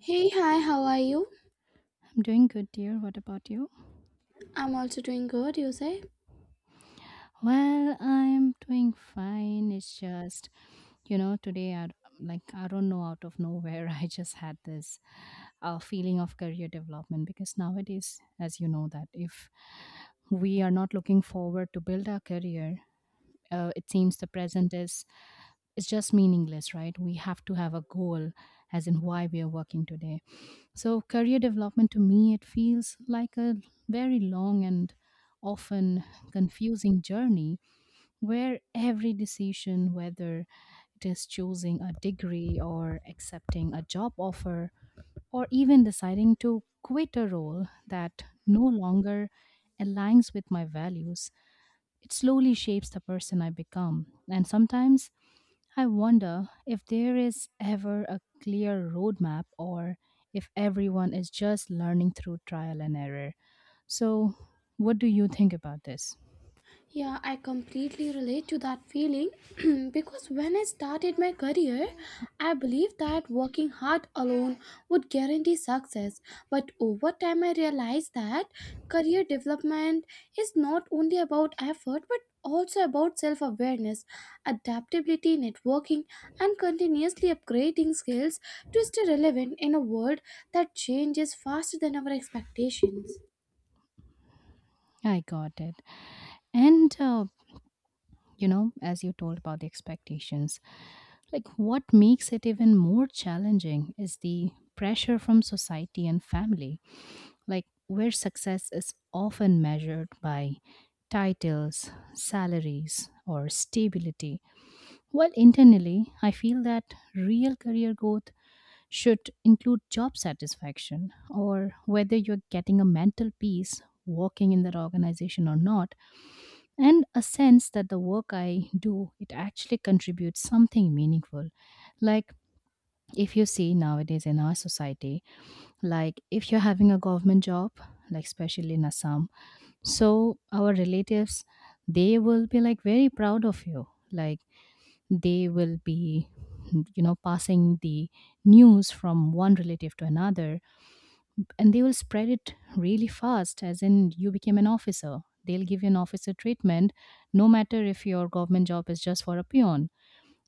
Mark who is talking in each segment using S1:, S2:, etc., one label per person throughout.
S1: Hey, hi, how are you?
S2: I'm doing good, dear. What about you?
S1: I'm also doing good, you say?
S2: Well, I'm doing fine. It's just, today I, like, I don't know, out of nowhere I just had this feeling of career development because nowadays, as you know, that if we are not looking forward to build our career, it seems the present is it's just meaningless, right? We have to have a goal as in why we are working today. So career development to me, it feels like a very long and often confusing journey where every decision, whether it is choosing a degree or accepting a job offer or even deciding to quit a role that no longer aligns with my values, it slowly shapes the person I become. And sometimes I wonder if there is ever a clear roadmap or if everyone is just learning through trial and error. So, what do you think about this?
S1: Yeah, I completely relate to that feeling because when I started my career, I believed that working hard alone would guarantee success. But over time, I realized that career development is not only about effort but also about self awareness, adaptability, networking, and continuously upgrading skills to stay relevant in a world that changes faster than our expectations.
S2: I got it. And, as you told about the expectations, like what makes it even more challenging is the pressure from society and family, like where success is often measured by titles, salaries, or stability. While internally, I feel that real career growth should include job satisfaction or whether you're getting a mental peace working in that organization or not, and a sense that the work I do, it actually contributes something meaningful. Like if you see nowadays in our society, like if you're having a government job, like especially in Assam, so our relatives, they will be like very proud of you. Like they will be, passing the news from one relative to another, and they will spread it really fast, as in you became an officer, they'll give you an officer treatment, no matter if your government job is just for a peon,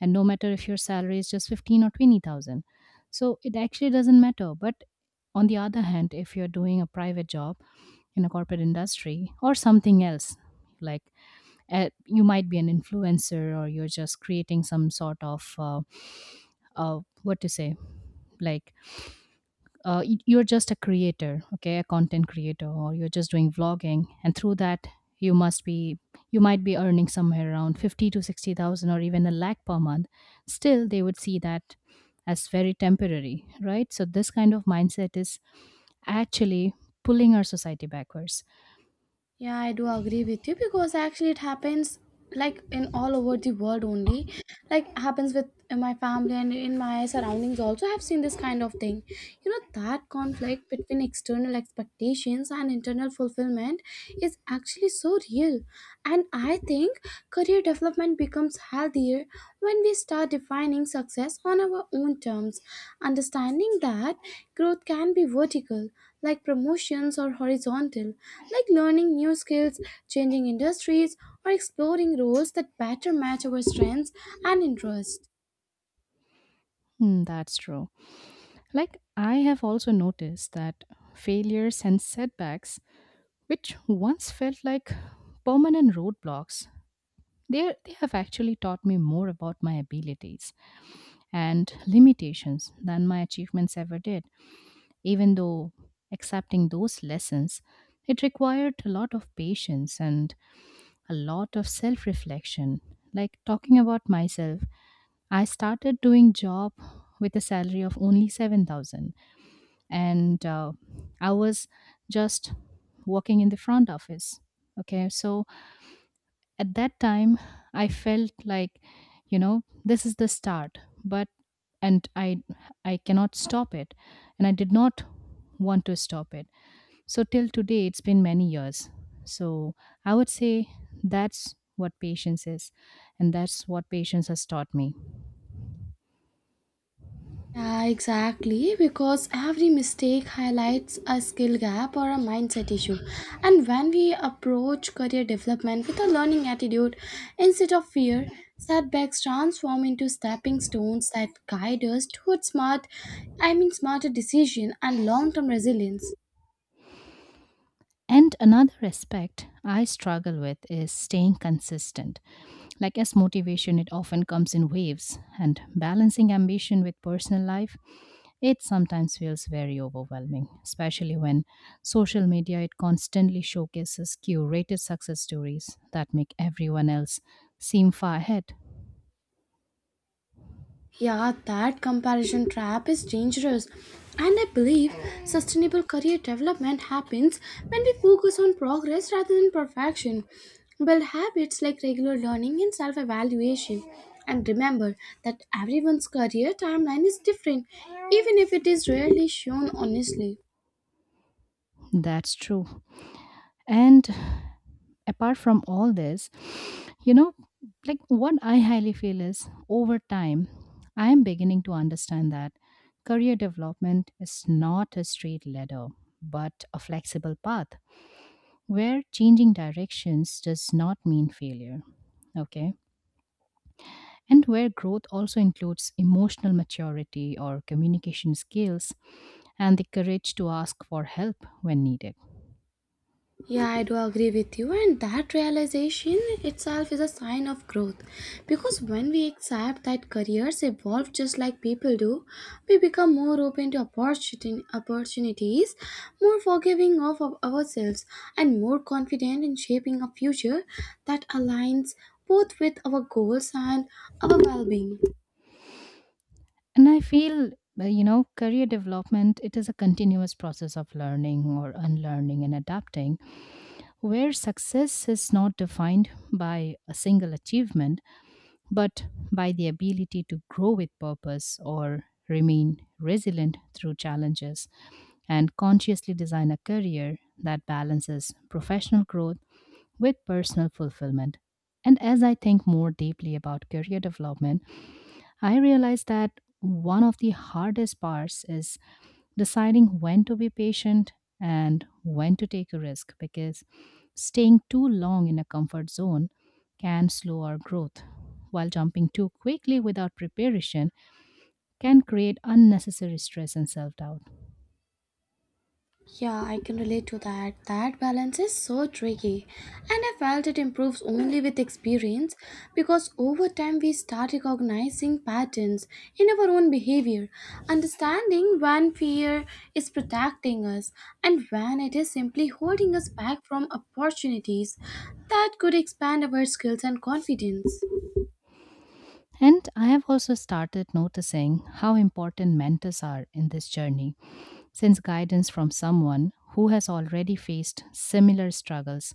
S2: and no matter if your salary is just 15 or 20,000. So it actually doesn't matter, but on the other hand, if you're doing a private job in a corporate industry or something else, like you might be an influencer, or you're just creating some sort of uh, what to say, like you're just a creator, okay, a content creator, or you're just doing vlogging, and through that, you must be, you might be earning somewhere around 50 to 60,000, or even a lakh per month. Still they would see that as very temporary, right? So this kind of mindset is actually pulling our society backwards.
S1: Yeah, I do agree with you, because actually it happens like in all over the world only. Like happens with in my family and in my surroundings also I have seen this kind of thing. You know that conflict between external expectations and internal fulfillment is actually so real. And I think career development becomes healthier when we start defining success on our own terms, understanding that growth can be vertical like promotions or horizontal, like learning new skills, changing industries, or exploring roles that better match our strengths and interests.
S2: Hmm, that's true. Like I have also noticed that failures and setbacks which once felt like permanent roadblocks, they have actually taught me more about my abilities and limitations than my achievements ever did. Even though accepting those lessons, it required a lot of patience and a lot of self reflection. Like talking about myself, I started doing job with a salary of only 7,000, and I was just working in the front office. Okay, so at that time I felt like, you know this is the start. But and i i cannot stop it, and I did not want to stop it, so till today, it's been many years. So I would say, that's what patience is, and that's what patience has taught me.
S1: Yeah, exactly, because every mistake highlights a skill gap or a mindset issue. And when we approach career development with a learning attitude instead of fear, setbacks transform into stepping stones that guide us towards smart, I mean smarter decision and long-term resilience.
S2: And another aspect I struggle with is staying consistent. Like as motivation, it often comes in waves, and balancing ambition with personal life, it sometimes feels very overwhelming, especially when social media, it constantly showcases curated success stories that make everyone else seem far ahead.
S1: Yeah, that comparison trap is dangerous. And I believe sustainable career development happens when we focus on progress rather than perfection. Build habits like regular learning and self evaluation. And remember that everyone's career timeline is different, even if it is rarely shown honestly.
S2: That's true. And apart from all this, you know, like what I highly feel is, over time, I am beginning to understand that career development is not a straight ladder, but a flexible path where changing directions does not mean failure. Okay. And where growth also includes emotional maturity or communication skills and the courage to ask for help when needed.
S1: Yeah, I do agree with you, and that realization itself is a sign of growth. Because when we accept that careers evolve just like people do, we become more open to opportunities, more forgiving of ourselves, and more confident in shaping a future that aligns both with our goals and our well being.
S2: And I feel, career development, it is a continuous process of learning or unlearning and adapting, where success is not defined by a single achievement, but by the ability to grow with purpose or remain resilient through challenges and consciously design a career that balances professional growth with personal fulfillment. And as I think more deeply about career development, I realized that one of the hardest parts is deciding when to be patient and when to take a risk, because staying too long in a comfort zone can slow our growth, while jumping too quickly without preparation can create unnecessary stress and self doubt.
S1: Yeah, I can relate to that. That balance is so tricky. And I felt it improves only with experience because over time we start recognizing patterns in our own behavior, understanding when fear is protecting us and when it is simply holding us back from opportunities that could expand our skills and confidence.
S2: And I have also started noticing how important mentors are in this journey, since guidance from someone who has already faced similar struggles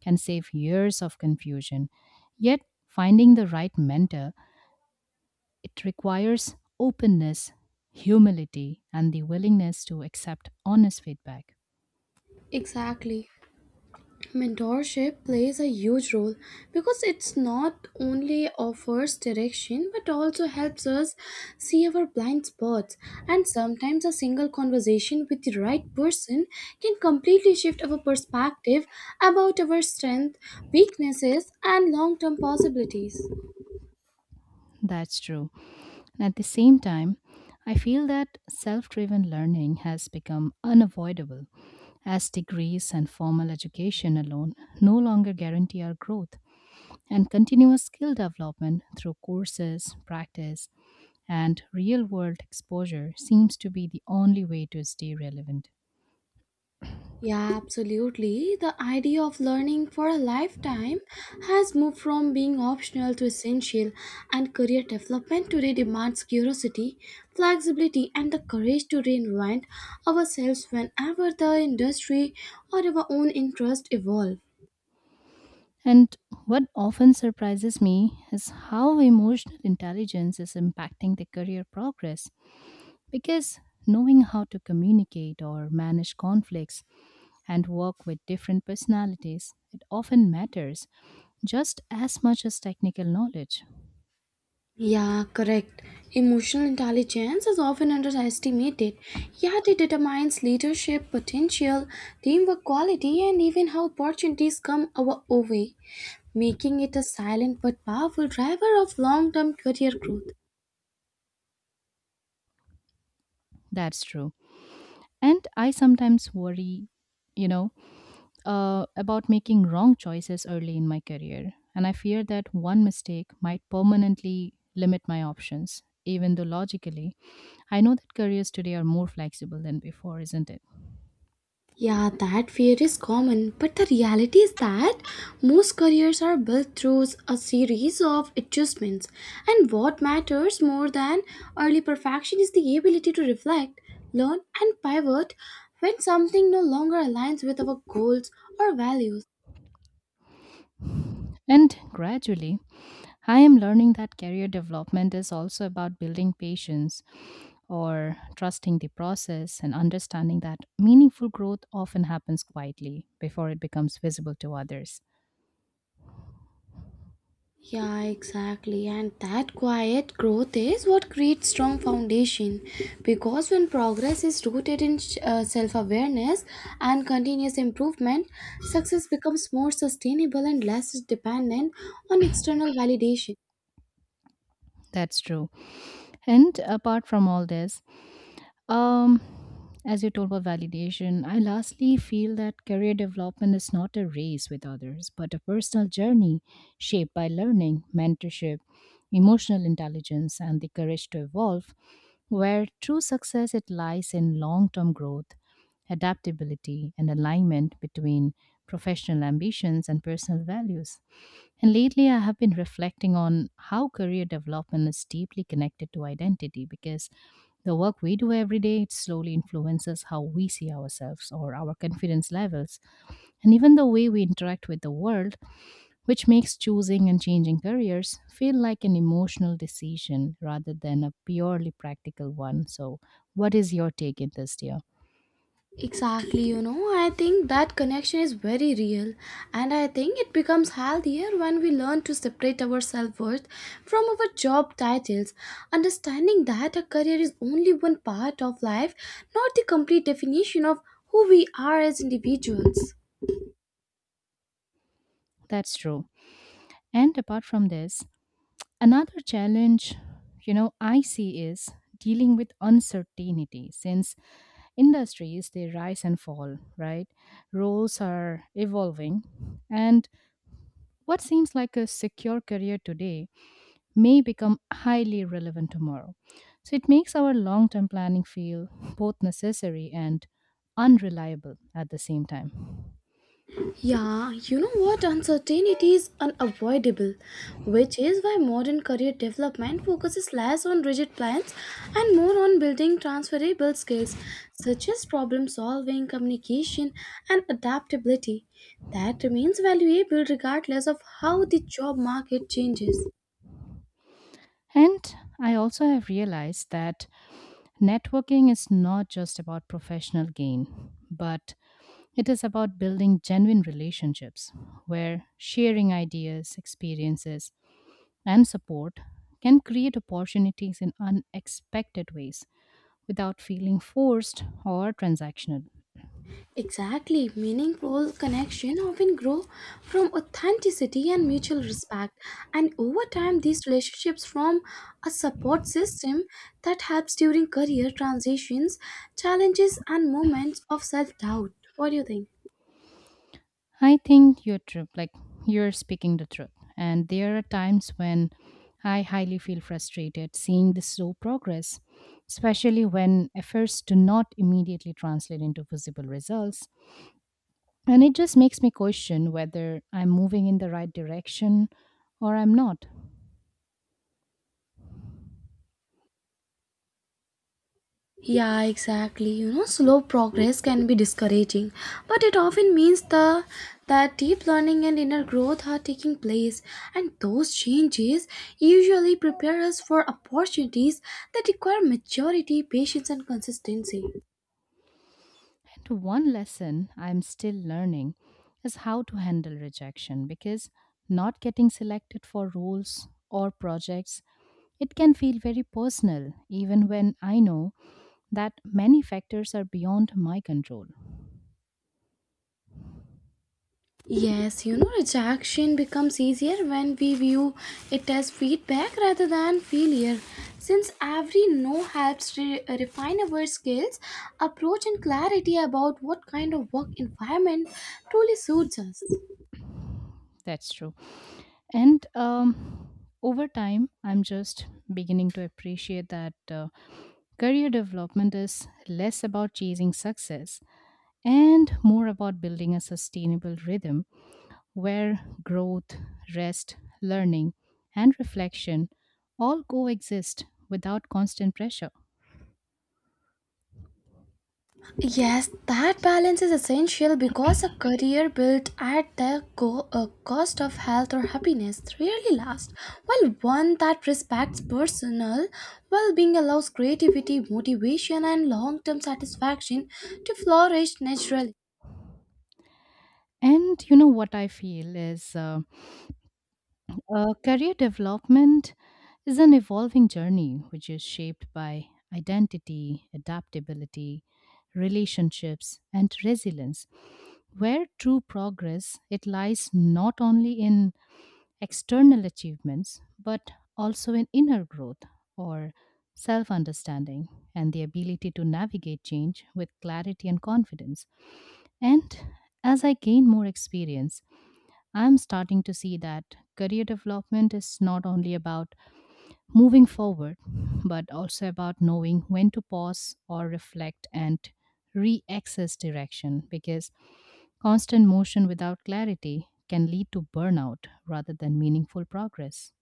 S2: can save years of confusion. Yet, finding the right mentor, it requires openness, humility, and the willingness to accept honest feedback.
S1: Exactly. Mentorship plays a huge role because it's not only offers direction but also helps us see our blind spots, and sometimes a single conversation with the right person can completely shift our perspective about our strengths, weaknesses and long-term possibilities.
S2: That's true. And at the same time, I feel that self driven learning has become unavoidable, as degrees and formal education alone no longer guarantee our growth. And continuous skill development through courses, practice, and real world exposure seems to be the only way to stay relevant.
S1: Yeah, absolutely. The idea of learning for a lifetime has moved from being optional to essential, and career development today demands curiosity, flexibility, and the courage to reinvent ourselves whenever the industry or our own interests evolve.
S2: And what often surprises me is how emotional intelligence is impacting the career progress, because knowing how to communicate or manage conflicts and work with different personalities, it often matters just as much as technical knowledge.
S1: Yeah, correct. Emotional intelligence is often underestimated, yet it determines leadership potential, teamwork quality, and even how opportunities come our way, making it a silent but powerful driver of long term career growth.
S2: That's true. And I sometimes worry, you know, about making wrong choices early in my career, and I fear that one mistake might permanently limit my options, even though logically, I know that careers today are more flexible than before, isn't it?
S1: Yeah, that fear is common, but the reality is that most careers are built through a series of adjustments. And what matters more than early perfection is the ability to reflect, learn, and pivot when something no longer aligns with our goals or values.
S2: And gradually, I am learning that career development is also about building patience or trusting the process and understanding that meaningful growth often happens quietly before it becomes visible to others.
S1: Yeah, exactly. And that quiet growth is what creates strong foundation because when progress is rooted in self-awareness and continuous improvement, success becomes more sustainable and less dependent on external validation.
S2: That's true. And apart from all this, Um, as you told about validation, I lastly feel that career development is not a race with others, but a personal journey shaped by learning, mentorship, emotional intelligence, and the courage to evolve, where true success, it lies in long-term growth, adaptability, and alignment between professional ambitions and personal values. And lately, I have been reflecting on how career development is deeply connected to identity, because the work we do every day, it slowly influences how we see ourselves or our confidence levels and even the way we interact with the world, which makes choosing and changing careers feel like an emotional decision rather than a purely practical one. So what is your take in this, dear?
S1: Exactly, you know, I think that connection is very real, and I think it becomes healthier when we learn to separate our self worth from our job titles, understanding that a career is only one part of life, not the complete definition of who we are as individuals.
S2: That's true. And apart from this, another challenge, I see, is dealing with uncertainty, since industries, they rise and fall, right? Roles are evolving, and what seems like a secure career today may become highly relevant tomorrow. So it makes our long-term planning feel both necessary and unreliable at the same time.
S1: Yeah, you know what? Uncertainty is unavoidable, which is why modern career development focuses less on rigid plans and more on building transferable skills such as problem solving, communication, and adaptability. That remains valuable regardless of how the job market changes.
S2: And I also have realized that networking is not just about professional gain, but it is about building genuine relationships where sharing ideas, experiences, and support can create opportunities in unexpected ways without feeling forced or transactional.
S1: Exactly. Meaningful connection often grow from authenticity and mutual respect. And over time, these relationships form a support system that helps during career transitions, challenges, and moments of self doubt. What do you think?
S2: I think you're true, like you're speaking the truth. And there are times when I highly feel frustrated seeing the slow progress, especially when efforts do not immediately translate into visible results. And it just makes me question whether I'm moving in the right direction or I'm not.
S1: Yeah, exactly. You know, slow progress can be discouraging, but it often means the that deep learning and inner growth are taking place, and those changes usually prepare us for opportunities that require maturity, patience, and consistency.
S2: And one lesson I'm still learning is how to handle rejection, because not getting selected for roles or projects, it can feel very personal even when I know that many factors are beyond my control.
S1: Yes, you know, rejection becomes easier when we view it as feedback rather than failure. Since every no helps refine our skills, approach, and clarity about what kind of work environment truly suits us.
S2: That's true. And over time, I'm just beginning to appreciate that career development is less about chasing success and more about building a sustainable rhythm where growth, rest, learning, and reflection all coexist without constant pressure.
S1: Yes, that balance is essential because a career built at the cost of health or happiness rarely lasts, while one that respects personal well being allows creativity, motivation, and long term satisfaction to flourish naturally.
S2: And you know what I feel is, career development is an evolving journey which is shaped by identity, adaptability, relationships, and resilience, where true progress, it lies not only in external achievements, but also in inner growth or self understanding and the ability to navigate change with clarity and confidence. And as I gain more experience, I'm starting to see that career development is not only about moving forward, but also about knowing when to pause or reflect and re access direction, because constant motion without clarity can lead to burnout rather than meaningful progress.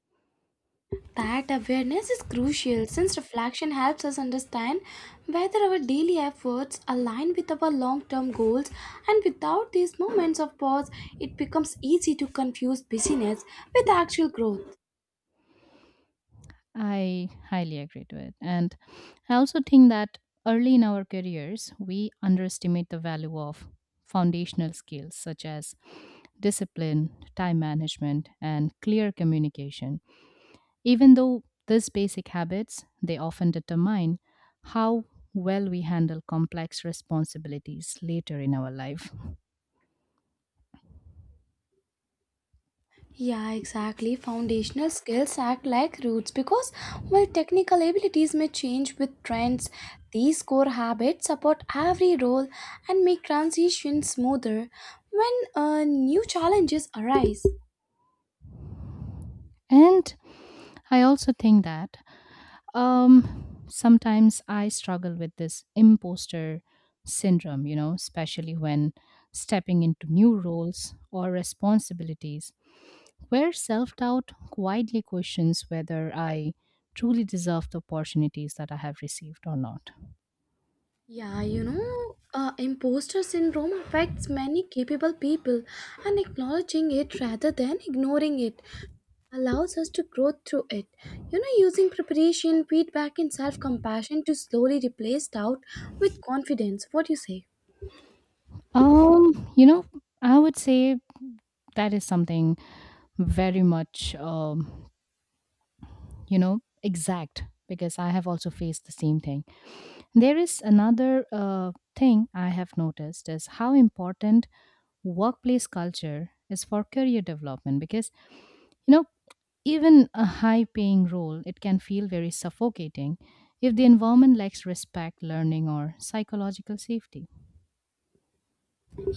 S1: That awareness is crucial since reflection helps us understand whether our daily efforts align with our long term goals, and without these moments of pause, it becomes easy to confuse busyness with actual growth.
S2: I highly agree to it. And I also think that early in our careers, we underestimate the value of foundational skills such as discipline, time management, and clear communication. Even though these basic habits, they often determine how well we handle complex responsibilities later in our life.
S1: Yeah, exactly. Foundational skills act like roots because while technical abilities may change with trends, these core habits support every role and make transitions smoother when new challenges arise.
S2: And I also think that sometimes I struggle with this imposter syndrome, especially when stepping into new roles or responsibilities where self doubt quietly questions whether I truly deserve the opportunities that I have received or not.
S1: Yeah, you know, imposter syndrome affects many capable people, and acknowledging it rather than ignoring it allows us to grow through it. You know, using preparation, feedback, and self compassion to slowly replace doubt with confidence. What do you say?
S2: Um, you know, I would say that is something very much, exact, because I have also faced the same thing. There is another thing I have noticed is how important workplace culture is for career development, because, you know, even a high paying role, it can feel very suffocating if the environment lacks respect, learning, or psychological safety.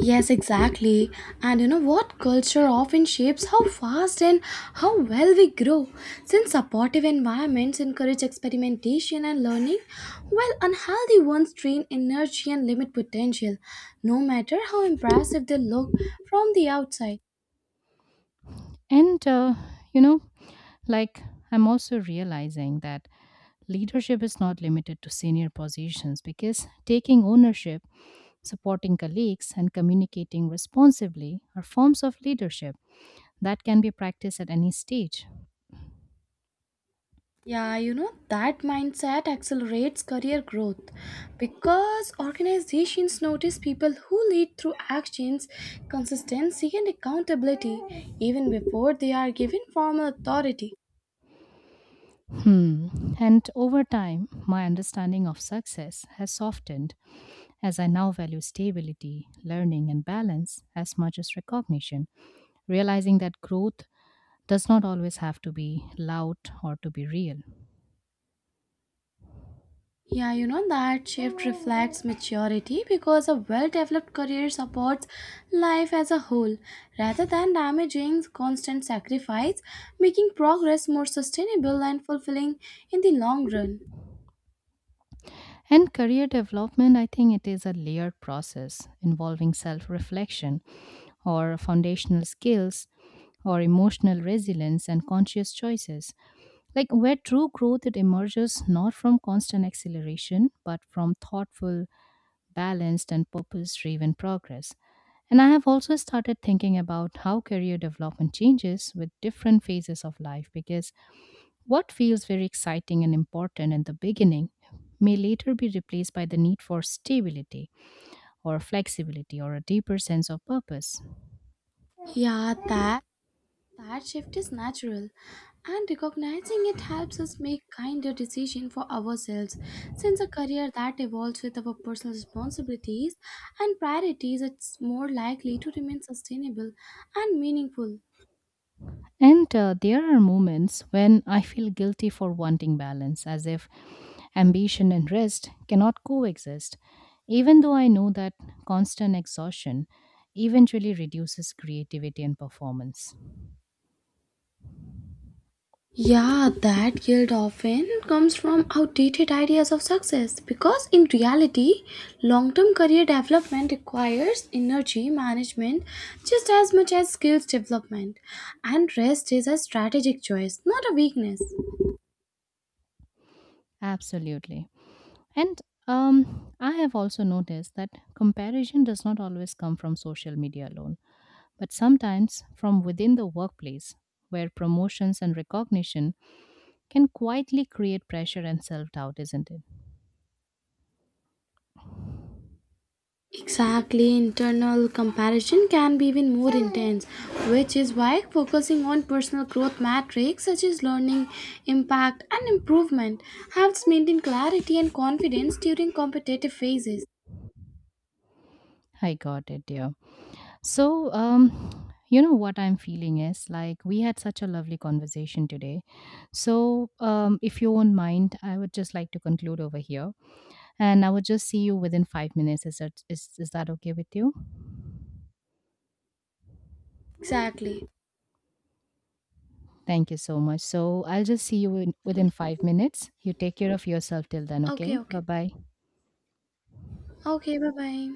S1: Yes, exactly. And you know what? Culture often shapes how fast and how well we grow. Since supportive environments encourage experimentation and learning, while unhealthy ones drain energy and limit potential, no matter how impressive they look from the outside.
S2: And, you know, like I'm also realizing that leadership is not limited to senior positions, because taking ownership, supporting colleagues, and communicating responsibly are forms of leadership that can be practiced at any stage.
S1: Yeah, you know, that mindset accelerates career growth because organizations notice people who lead through actions, consistency, and accountability even before they are given formal authority.
S2: Hmm. And over time, my understanding of success has softened, as I now value stability, learning, and balance as much as recognition, realizing that growth does not always have to be loud or to be real.
S1: Yeah, you know, that shift reflects maturity because a well developed career supports life as a whole rather than damaging constant sacrifice, making progress more sustainable and fulfilling in the long run.
S2: And career development, I think it is a layered process involving self reflection or foundational skills or emotional resilience and conscious choices, like where true growth, it emerges not from constant acceleration but from thoughtful, balanced, and purpose driven progress. And I have also started thinking about how career development changes with different phases of life, because what feels very exciting and important in the beginning may later be replaced by the need for stability or flexibility or a deeper sense of purpose.
S1: Yeah, that shift is natural, and recognizing it helps us make kinder decisions for ourselves. Since a career that evolves with our personal responsibilities and priorities, it's more likely to remain sustainable and meaningful.
S2: And there are moments when I feel guilty for wanting balance, as if ambition and rest cannot coexist, even though I know that constant exhaustion eventually reduces creativity and performance.
S1: Yeah, that guilt often comes from outdated ideas of success because in reality, long term career development requires energy management just as much as skills development, and rest is a strategic choice, not a weakness.
S2: Absolutely. And I have also noticed that comparison does not always come from social media alone, but sometimes from within the workplace, where promotions and recognition can quietly create pressure and self doubt, isn't it?
S1: Exactly, internal comparison can be even more intense, which is why focusing on personal growth metrics such as learning, impact, and improvement helps maintain clarity and confidence during competitive phases.
S2: I got it, dear. So, you know what I'm feeling is, like we had such a lovely conversation today. So, if you won't mind, I would just like to conclude over here, and I would just see you within 5 minutes. Is that okay with you?
S1: Exactly.
S2: Thank you so much. So, I'll just see you in, within 5 minutes. You take care of yourself till then.
S1: Okay,
S2: Okay. Bye
S1: okay.
S2: bye.
S1: Okay, bye bye.